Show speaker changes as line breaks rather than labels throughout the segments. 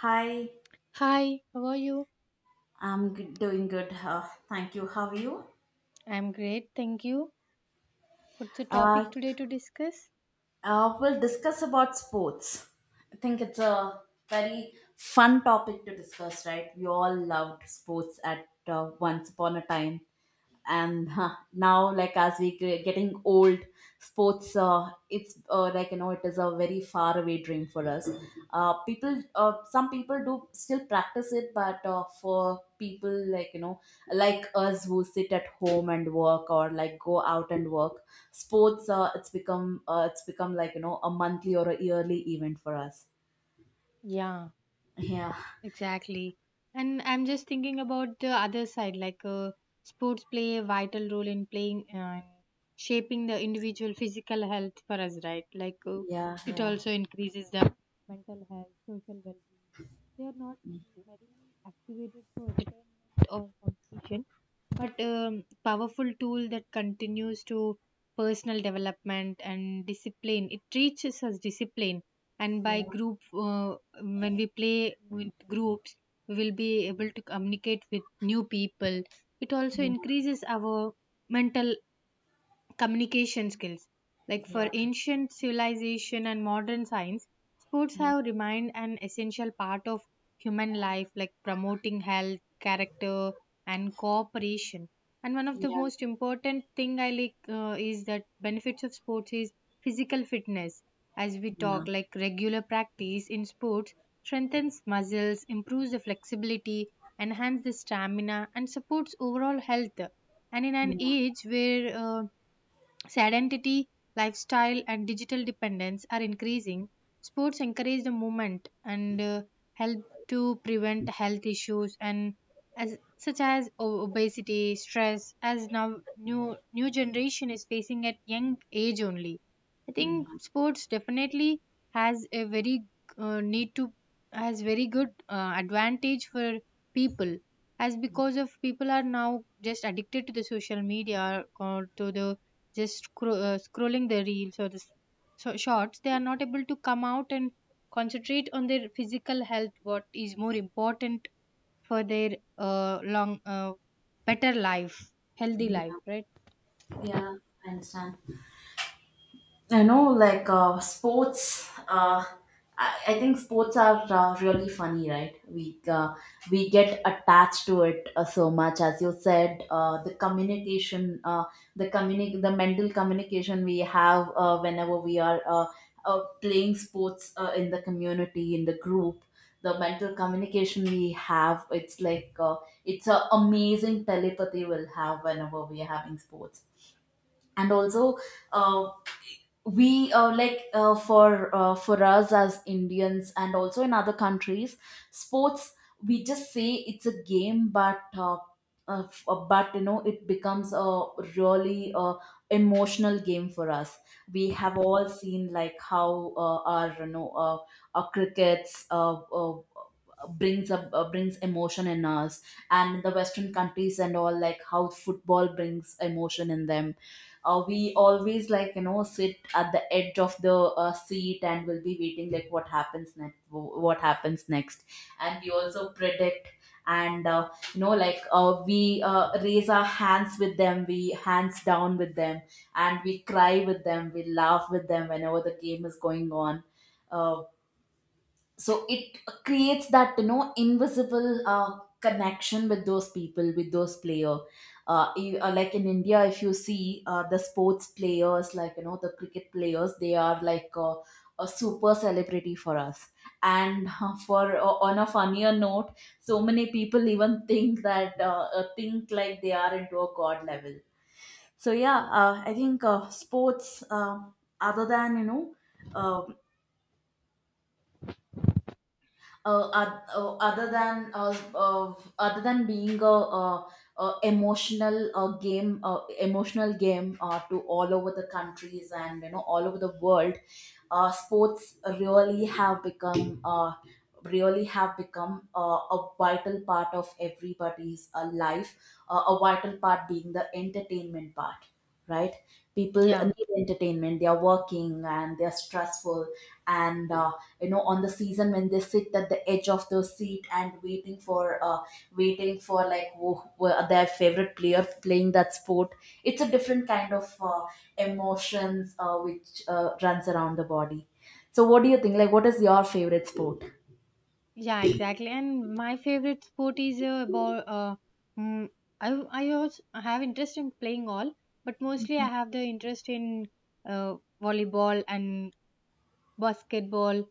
Hi,
Hi, how are you?
I'm doing good. Thank you. How are you?
I'm great, thank you. What's the
Uh,
topic today to discuss?
we'll discuss about sports. I think it's a very fun topic to discuss, right? We all loved sports at once upon a time. And now like as we getting old, sports, it's like it is a very far away dream for us. Uh, people uh, some people do still practice it, but for people like like us who sit at home and work, or like go out and work, sports, it's become, like a monthly or a yearly event for us.
Yeah,
Yeah,
exactly. And I'm just thinking about the other side, like sports play a vital role in playing and shaping the individual physical health for us, right? Like
yeah,
it
yeah,
also increases the mental health, social well-being. They are not merely activated for entertainment or competition. But powerful tool that continues to personal development and discipline. It teaches us discipline, and by
yeah,
group, when we play with groups, we will be able to communicate with new people. It also
yeah, yeah,
increases our mental communication skills. Like
yeah,
for ancient civilization and modern science, sports
yeah,
have remained an essential part of human life, like promoting health, character, and cooperation. And one of the
yeah.
most important thing I like is that benefits of sports is physical fitness. As we talk, like regular practice in sports strengthens muscles, improves the flexibility, enhance the stamina, and supports overall health. And in an
Yeah.
age where Sedentity, lifestyle, and digital dependence are increasing. Sports encourage the movement and help to prevent health issues and as such as obesity, stress, as now new generation is facing at young age only. I think
Mm-hmm.
sports definitely has a very need to has very good advantage for people as because of people are now just addicted to the social media or to the just scrolling the reels or the shorts they are not able to come out and concentrate on their physical health what is more important for their long better life healthy life, right?
Yeah, I understand. I know, like sports. I think sports are really funny, right? We get attached to it, so much, as you said. The mental communication we have whenever we are playing sports in the community, in the group. The mental communication we have, it's like, it's an amazing telepathy we'll have whenever we are having sports. And also, uh, we like, for us as Indians and also in other countries, sports, we just say it's a game, but it becomes a really, emotional game for us. We have all seen, like how our you know our crickets, brings emotion in us. And the Western countries and all, like how football brings emotion in them. We always, like sit at the edge of the seat, and will be waiting, like what happens next, what happens next. And we also predict. And like, we, raise our hands with them, we hands down with them. And we cry with them, we laugh with them, whenever the game is going on. Uh, so it creates that, invisible, connection with those people, with those player. Like in India, if you see the sports players, like the cricket players, they are like a super celebrity for us. And for on a funnier note, so many people even think that think like they are into a god level. So yeah, I think, sports, other than you know, uh, oth- other than being a, uh emotional, game emotional game, to all over the countries, and all over the world, sports really have become, a vital part of everybody's life, a vital part being the entertainment part, right? People
Yeah.
need entertainment, they are working and they are stressful. And on the season when they sit at the edge of the seat, and waiting for, like who are their favorite player playing that sport. It's a different kind of emotions, which runs around the body. So what do you think? Like, what is your favorite sport?
Yeah, exactly, and my favorite sport is about mm, I I also have interest in playing all but mostly I have the interest in uh, volleyball and basketball.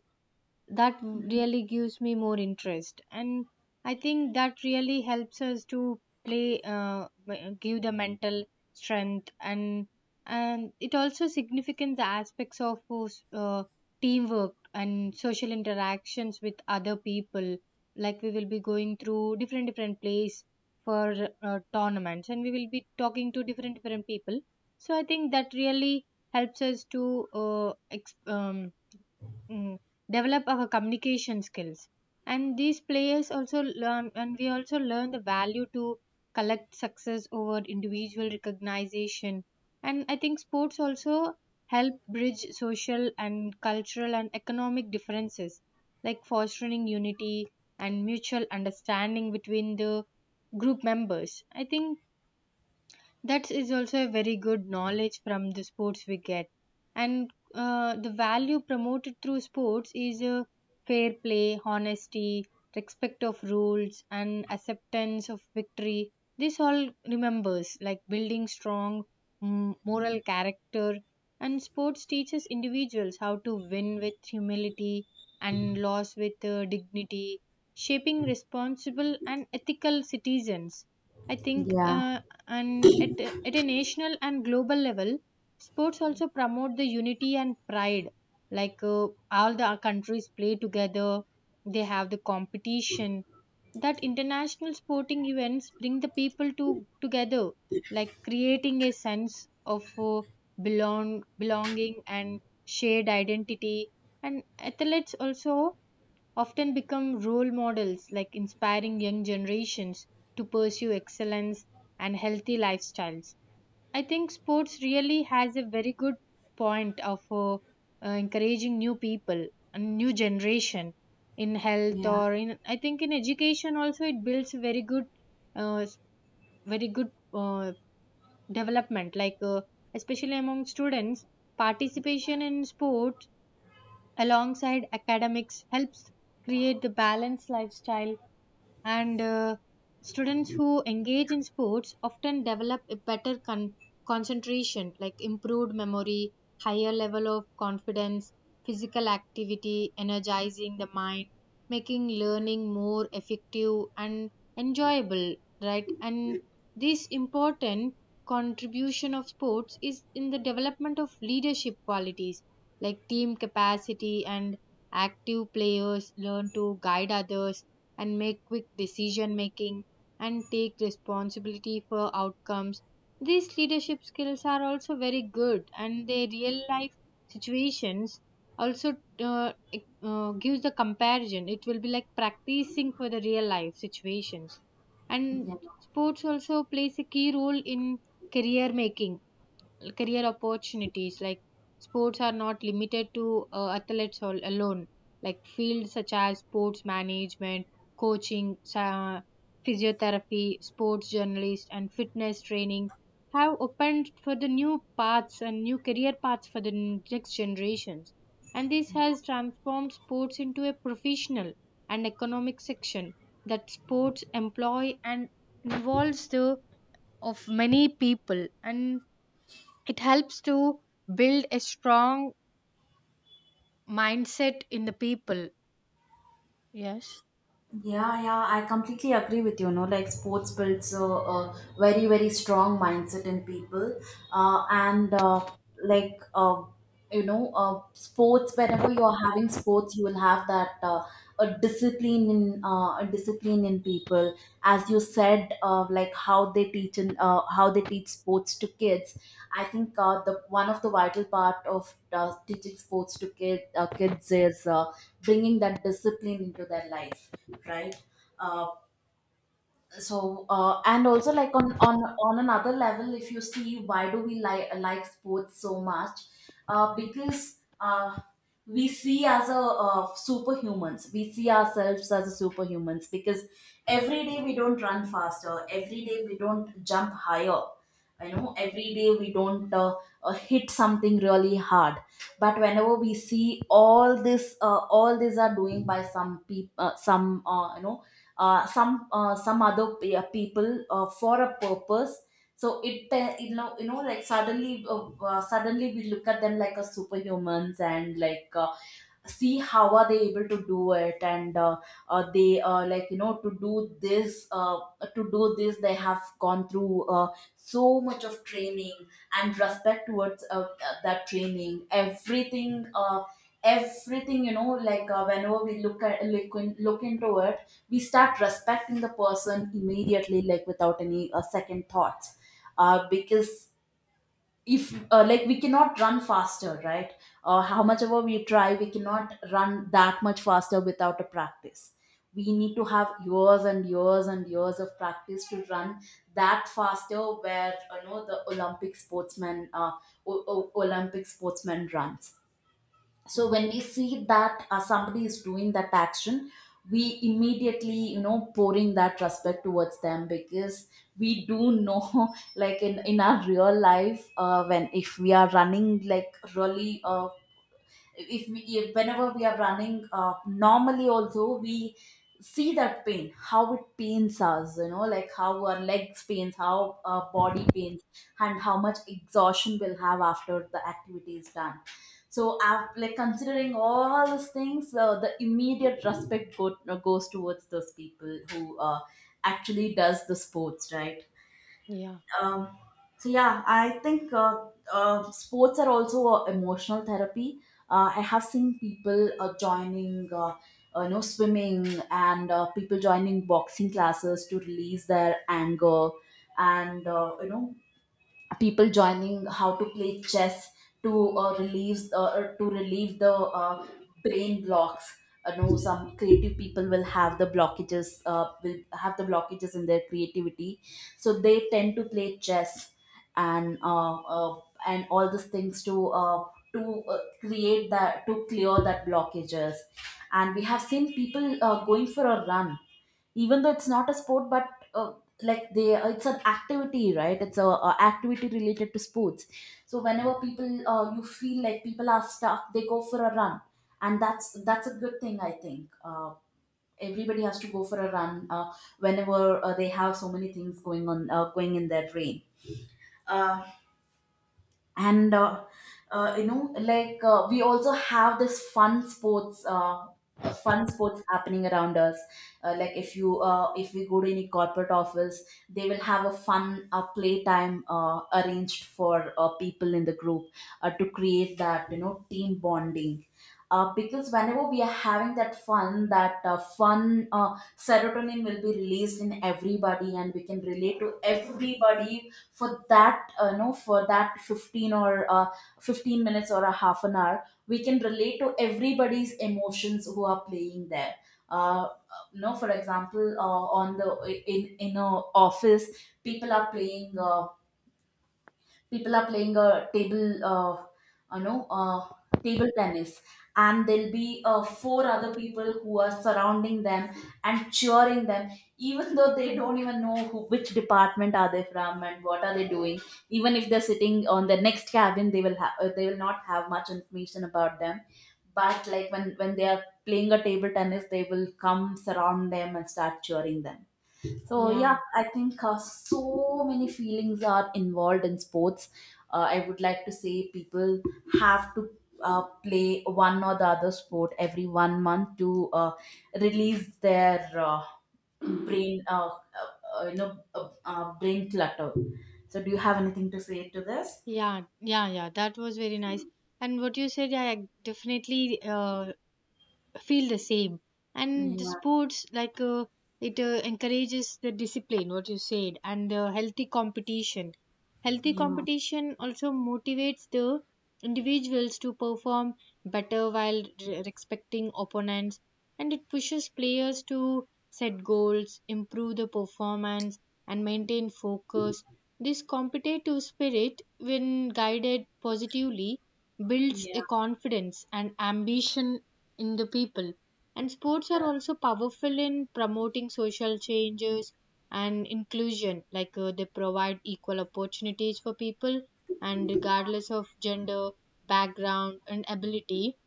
That really gives me more interest, and I think that really helps us to play give the mental strength, and it also significant the aspects of uh, teamwork and social interactions with other people. Like we will be going through different place for tournaments, and we will be talking to different people. So I think that really helps us to uh, ex- um, mm, develop our communication skills. And these players also learn, and we also learn the value to collect success over individual recognition. And I think sports also help bridge social and cultural and economic differences, like fostering unity and mutual understanding between the group members. I think that is also a very good knowledge from the sports we get. And the value promoted through sports is fair play, honesty, respect of rules, and acceptance of victory. This all remembers, like building strong moral character. And sports teaches individuals how to win with humility and loss with dignity, shaping responsible and ethical citizens. I think
Yeah,
and at a national and global level, sports also promote the unity and pride, like all the countries play together, they have the competition, that international sporting events bring the people to together, like creating a sense of belonging and shared identity. And athletes also often become role models, like inspiring young generations to pursue excellence and healthy lifestyles. I think sports really has a very good point of encouraging new people and new generation in health
yeah,
or in, I think, in education also. It builds a very good uh, s- very good development, like especially among students, participation in sport alongside academics helps create the balanced lifestyle. And students who engage in sports often develop a better concentration, like improved memory, higher level of confidence, physical activity energizing the mind, making learning more effective and enjoyable, right? And this important contribution of sports is in the development of leadership qualities, like team capacity. And active players learn to guide others and make quick decision making and take responsibility for outcomes. These leadership skills are also very good and their real life situations also gives the comparison. It will be like practicing for the real life situations. And
yeah.
sports also plays a key role in career making, career opportunities, like sports are not limited to athletes alone, like fields such as sports management, coaching, physiotherapy, sports journalist, and fitness training have opened for the new paths and new career paths for the next generations. And this has transformed sports into a professional and economic section, that sports employ and involves the of many people, and it helps to build a strong mindset in the people. Yes.
Yeah, yeah, I completely agree with you. No, like sports builds a very, very strong mindset in people, and like you know, sports. Whenever you're having sports, you will have that, a discipline in people. As you said, like how they teach sports to kids. I think, the one of the vital part of, teaching sports to kids is. Bringing that discipline into their life, right? uh, and also, like, on another level, if you see why do we like sports so much. Because we see ourselves as a superhumans, because every day we don't run faster, every day we don't jump higher, every day we don't hit something really hard. But whenever we see all this all these are doing by some people, some you know some people, for a purpose. So it, like suddenly we look at them like a superhumans, and like, see how are they able to do it. And they, like to do this they have gone through so much of training, and respect towards, that training, everything, like, whenever we look at look, in, look into it, we start respecting the person immediately, like without any second thoughts. Because if like we cannot run faster, right? How much ever we try, we cannot run that much faster without a practice. We need to have years and years and years of practice to run that faster, where the Olympic sportsman, runs. So when we see that, somebody is doing that action, we immediately pouring that respect towards them, because we do know like in our real life, when if we are running, like really, if we if whenever we are running normally also, we see that pain, how it pains us, like how our legs pains, how our body pains, and how much exhaustion we'll have after the activity is done. So, like, considering all these things, the immediate respect goes towards those people who, actually does the sports, right?
Yeah,
Um, so yeah, I think, sports are also a emotional therapy. I have seen people joining, swimming, and people joining boxing classes to release their anger. And people joining how to play chess to relieve the brain blocks. Some creative people will have the blockages in their creativity. So they tend to play chess, and uh, uh, and all these things to clear that blockages. And we have seen people going for a run, even though it's not a sport, but uh, like they it's an activity, right? It's a activity related to sports. So whenever people, you feel like people are stuck, they go for a run. And that's a good thing, I think. Everybody has to go for a run, whenever they have so many things going on, going in their brain. Uh, and uh, uh, you know like, we also have this fun sports happening around us. Like, if we go to any corporate office, they will have a fun, playtime arranged for people in the group, to create that, team bonding. Because whenever we are having that fun, that fun serotonin will be released in everybody, and we can relate to everybody for that know for that 15, or 15 minutes, or a half an hour, we can relate to everybody's emotions who are playing there. Uh, you know for example, on the in a office, people are playing, a table you know table tennis. And there'll be four other people who are surrounding them and cheering them, even though they don't even know who, which department are they from, and what are they doing. Even if they're sitting on the next cabin, they will not have much information about them. But like, when they are playing a table tennis, they will come surround them and start cheering them. So yeah,
yeah,
I think so many feelings are involved in sports. I would like to say people have to play one or the other sport every 1 month, to release their brain, uh, uh, brain clutter. So do you have anything to say to this?
yeah, yeah, yeah. That was very nice. And what you said, yeah, definitely uh, feel the same. And the
Yeah,
sports like it encourages the discipline what you said and the healthy competition. Healthy
yeah,
competition also motivates the individuals to perform better while respecting opponents, and it pushes players to set goals, improve the performance, and maintain focus. This competitive spirit, when guided positively, builds a
yeah,
confidence and ambition in the people. And sports are
yeah,
also powerful in promoting social changes and inclusion, like they provide equal opportunities for people and regardless of gender, background, and ability.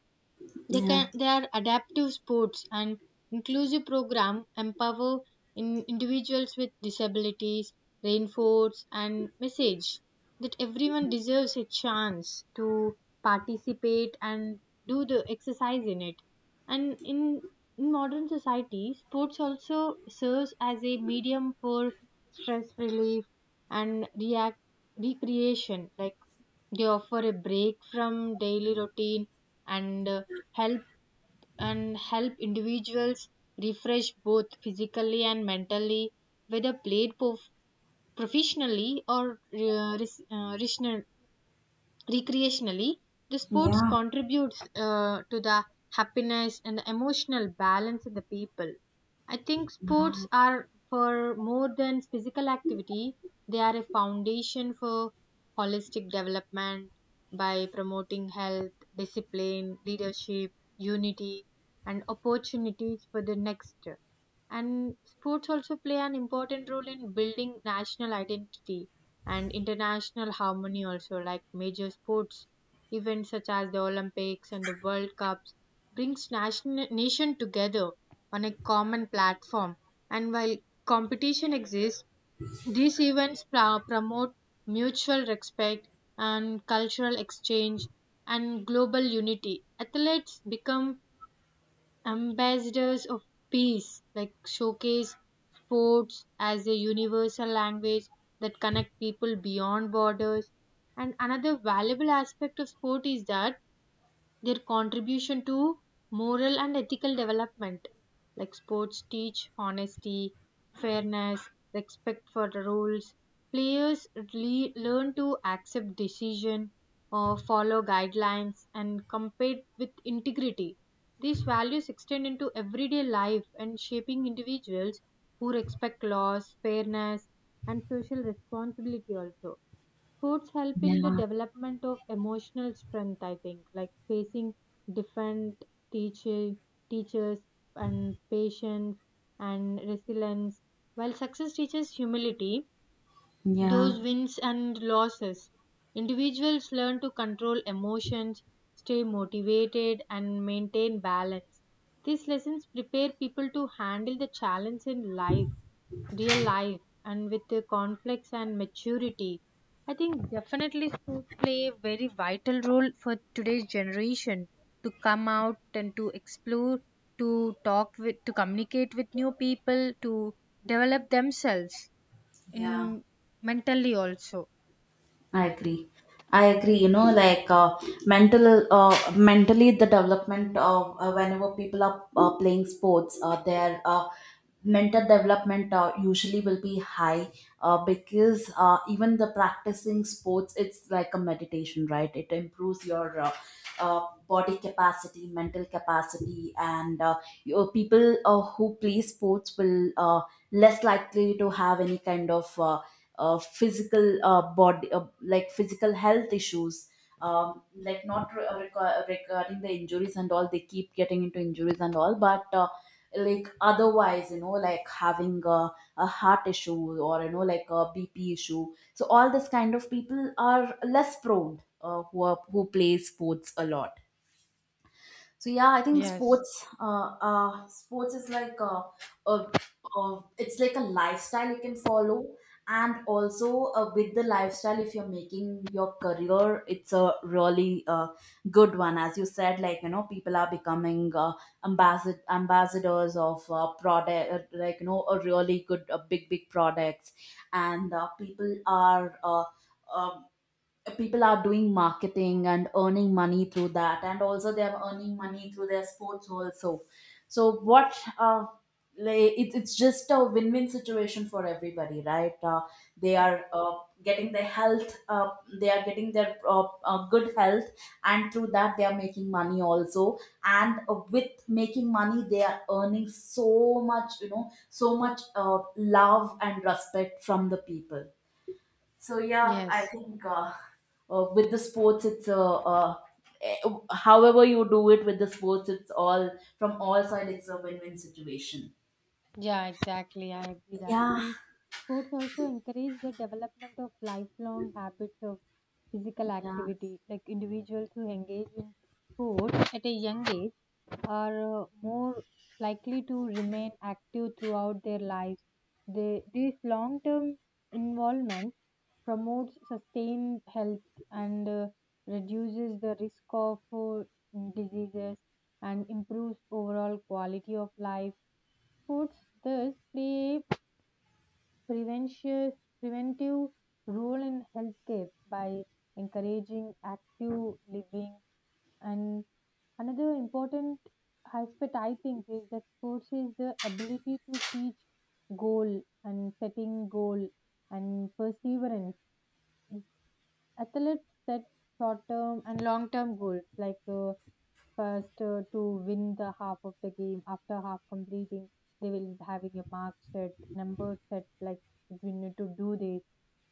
yeah,
They are adaptive sports and inclusive program empower in individuals with disabilities, reinforce and message that everyone deserves a chance to participate and do the exercise in it. And in modern society, sports also serves as a medium for stress relief and react recreation. Like they offer a break from daily routine and help and help individuals refresh both physically and mentally, whether played professionally or recreationally. The sports
yeah,
contributes to the happiness and the emotional balance in the people. I think sports are for more than physical activity. They are a foundation for holistic development, by promoting health, discipline, leadership, unity, and opportunities for the next. And sports also play an important role in building national identity and international harmony, also, like major sports events such as the Olympics and the World Cups brings nation together on a common platform. And while competition exists, these events promote mutual respect and cultural exchange and global unity. Athletes become ambassadors of peace, like showcase sports as a universal language that connect people beyond borders. And another valuable aspect of sport is that their contribution to moral and ethical development, like sports teach honesty, fairness, respect for the rules. Players learn to accept decision or follow guidelines and compete with integrity. These values extend into everyday life and shaping individuals who respect laws, fairness, and social responsibility also. Foods help in the
yeah,
development of emotional strength, I think, like facing different teacher, teachers and patience and resilience. While success teaches humility,
yeah.
those wins and losses, individuals learn to control emotions, stay motivated, and maintain balance. These lessons prepare people to handle the challenge in life, real life, and with the conflicts and maturity. I think definitely schools play a very vital role for today's generation to come out and to explore, to talk with, to communicate with new people, to develop themselves
Yeah.
in mentally also.
I agree. I agree. You know, like mentally, the development of, whenever people are playing sports, their mental development usually will be high. Because even the practicing sports, it's like a meditation, right? It improves your body capacity, mental capacity, and your people who play sports will less likely to have any kind of physical body like physical health issues, like not re- reco- regarding the injuries and all. They keep getting into injuries and all, but like otherwise, you know, like having a heart issue, or you know, like a BP issue. So all this kind of people are less prone, who are, who play sports a lot. So yeah, I think
Yes.
sports, sports is like a, a, it's like a lifestyle you can follow, and also with the lifestyle, if you're making your career, it's a really good one. As you said, like you know, people are becoming ambassadors of product, like you know, a really good, big, big products, and people are. Uh, People are doing marketing and earning money through that, and also they are earning money through their sports also. So what, like, it, it's just a win-win situation for everybody, right? They
Yeah.
are, getting their health, they are getting their good health, and through that they are making money also. And with making money they are earning so much, you know, so much love and respect from the people. So yeah, I
Yes.
think with the sports, it's eh, however you do it, with the sports, it's all from all sides. It's a win-win situation.
Yeah, exactly. I agree that.
Yeah,
And sports also encourage the development of lifelong habits of physical
yeah,
activity. Like individuals who engage in sports at a young age are more likely to remain active throughout their lives. This long-term involvement promotes sustained health and reduces the risk of diseases and improves overall quality of life. Foods thus play a prevention- preventive role in healthcare by encouraging active living. And another important aspect, I think, is that sports is the ability to teach goal and setting goal and perseverance. Athletes set short term and long term goals, like first to win the half of the game. After half completing, they will be having a mark set, number set. Like we need to do this.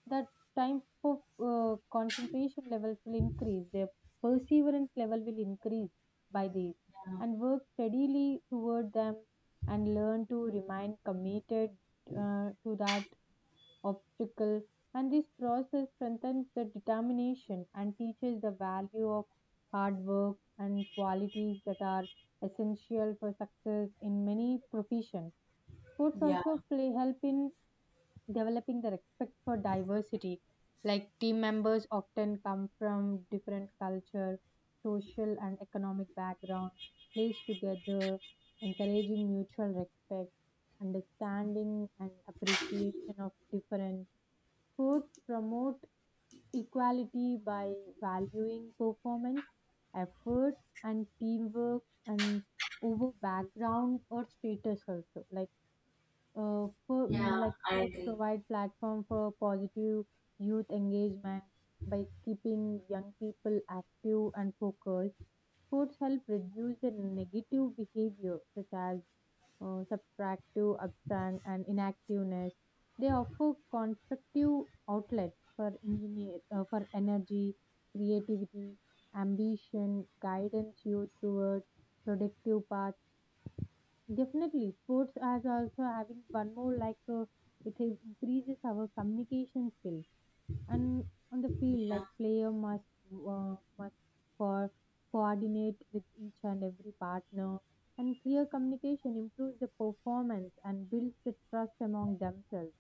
That time for concentration levels will increase. Their perseverance level will increase by this, and work steadily toward them and learn to remain committed to that obstacle, and this process strengthens the determination and teaches the value of hard work and qualities that are essential for success in many professions. Sports
yeah,
also play help in developing the respect for diversity. Like team members often come from different culture, social and economic background, plays together, encouraging mutual respect, understanding, and appreciation of different could promote equality by valuing performance, effort, and teamwork and over background or status also. Like,
yeah.
like
I
sports
agree.
provide platform for positive youth engagement by keeping young people active and focused. Sports help reduce the negative behavior such as subtractive absent and inactiveness. They offer constructive outlets for engineer for energy, creativity, ambition, guidance you toward productive paths. Definitely sports as also having one more, like it increases our communication skills. And on the field,
Yeah,
like player must for coordinate with each and every partner, and clear communication improves the performance and builds the trust among themselves.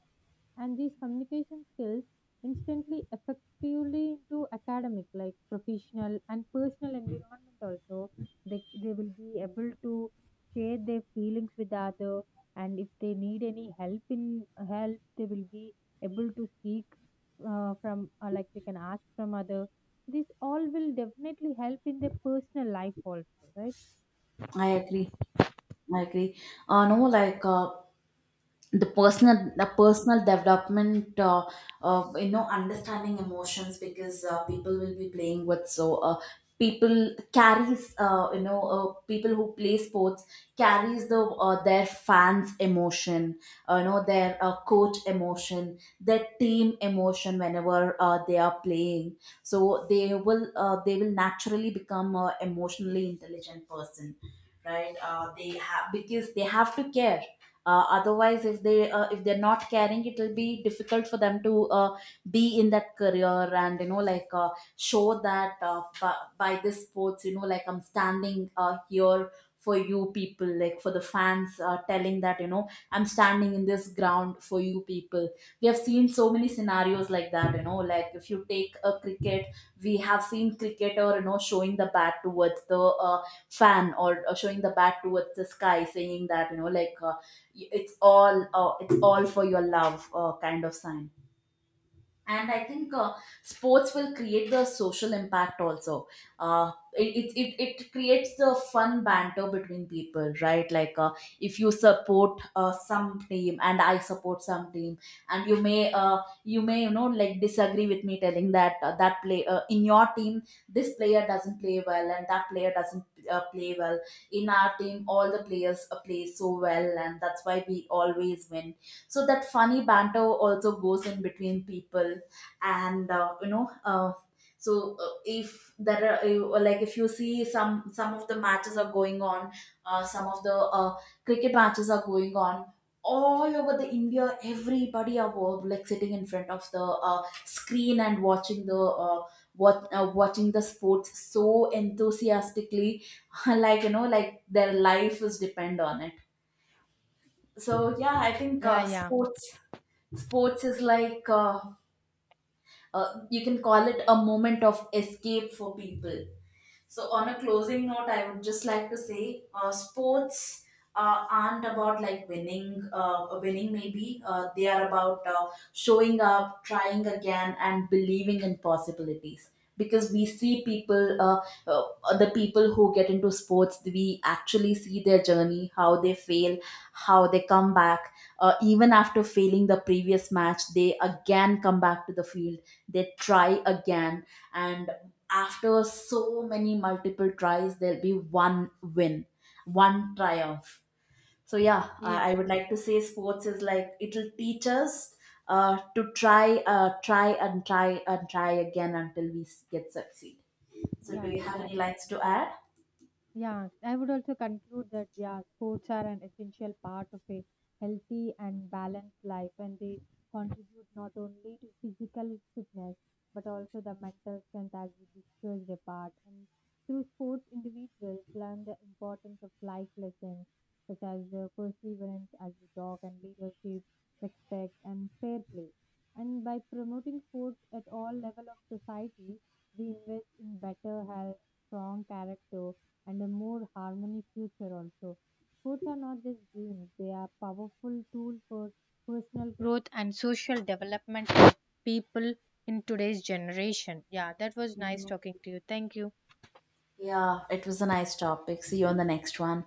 And these communication skills instantly effectively into academic, like professional and personal environment also. They will be able to share their feelings with the other, and if they need any help in help, they will be able to seek from like they can ask from other. This all will definitely help in their personal life also, right?
I agree. I agree. No, like the personal development of, you know, understanding emotions, because people will be playing with. So people carries, you know, people who play sports carries the, their fans' emotion, you know, their coach emotion, their team emotion whenever they are playing. So they will, they will naturally become a emotionally intelligent person, right? They have, because they have to care. Otherwise, if they, if they're not caring, it will be difficult for them to be in that career. And you know, like show that by this sports, you know, like, I'm standing here for you people, like for the fans, telling that, you know, I'm standing in this ground for you people. We have seen so many scenarios like that, you know, like if you take a cricket, we have seen cricketer, you know, showing the bat towards the fan, or showing the bat towards the sky, saying that, you know, like it's all, it's all for your love, kind of sign. And I think sports will create the social impact also. It, it, it, it creates the fun banter between people, right? Like if you support some team and I support some team, and you may, you may, you know, like disagree with me, telling that that play, in your team this player doesn't play well, and that player doesn't play well. In our team all the players play so well, and that's why we always win. So that funny banter also goes in between people. And you know, so if there are like, if you see some of the matches are going on, some of the, cricket matches are going on all over the India, everybody are like sitting in front of the screen and watching the, what watching the sports so enthusiastically like, you know, like their life is depend on it. So yeah, I think
Yeah, yeah,
sports, sports is like you can call it a moment of escape for people. So, on a closing note, I would just like to say sports aren't about like winning, winning maybe. They are about showing up, trying again, and believing in possibilities. Because we see people, the people who get into sports, we actually see their journey, how they fail, how they come back. Even after failing the previous match, they again come back to the field, they try again, and after so many multiple tries there'll be one win, one triumph. So yeah,
yeah.
I would like to say sports is like it'll teach us to try, try and try and try again until we get succeed. So
Yeah,
do you have any
exactly.
lines to add?
Yeah, I would also conclude that, yeah, sports are an essential part of a healthy and balanced life, and they contribute not only to physical fitness but also the mental strength, as we discussed apart. And through sports, individuals learn the importance of life lessons such as perseverance, as we talk, and leadership, respect, and fair play. And by promoting sports at all level of society, we invest in better health, strong character, and a more harmony future also. Sports are not just games, they are powerful tool for personal growth and social development of people in today's generation. Yeah, that was nice
Yeah.
talking to you. Thank you.
Yeah, it was a nice topic. See you on the next one.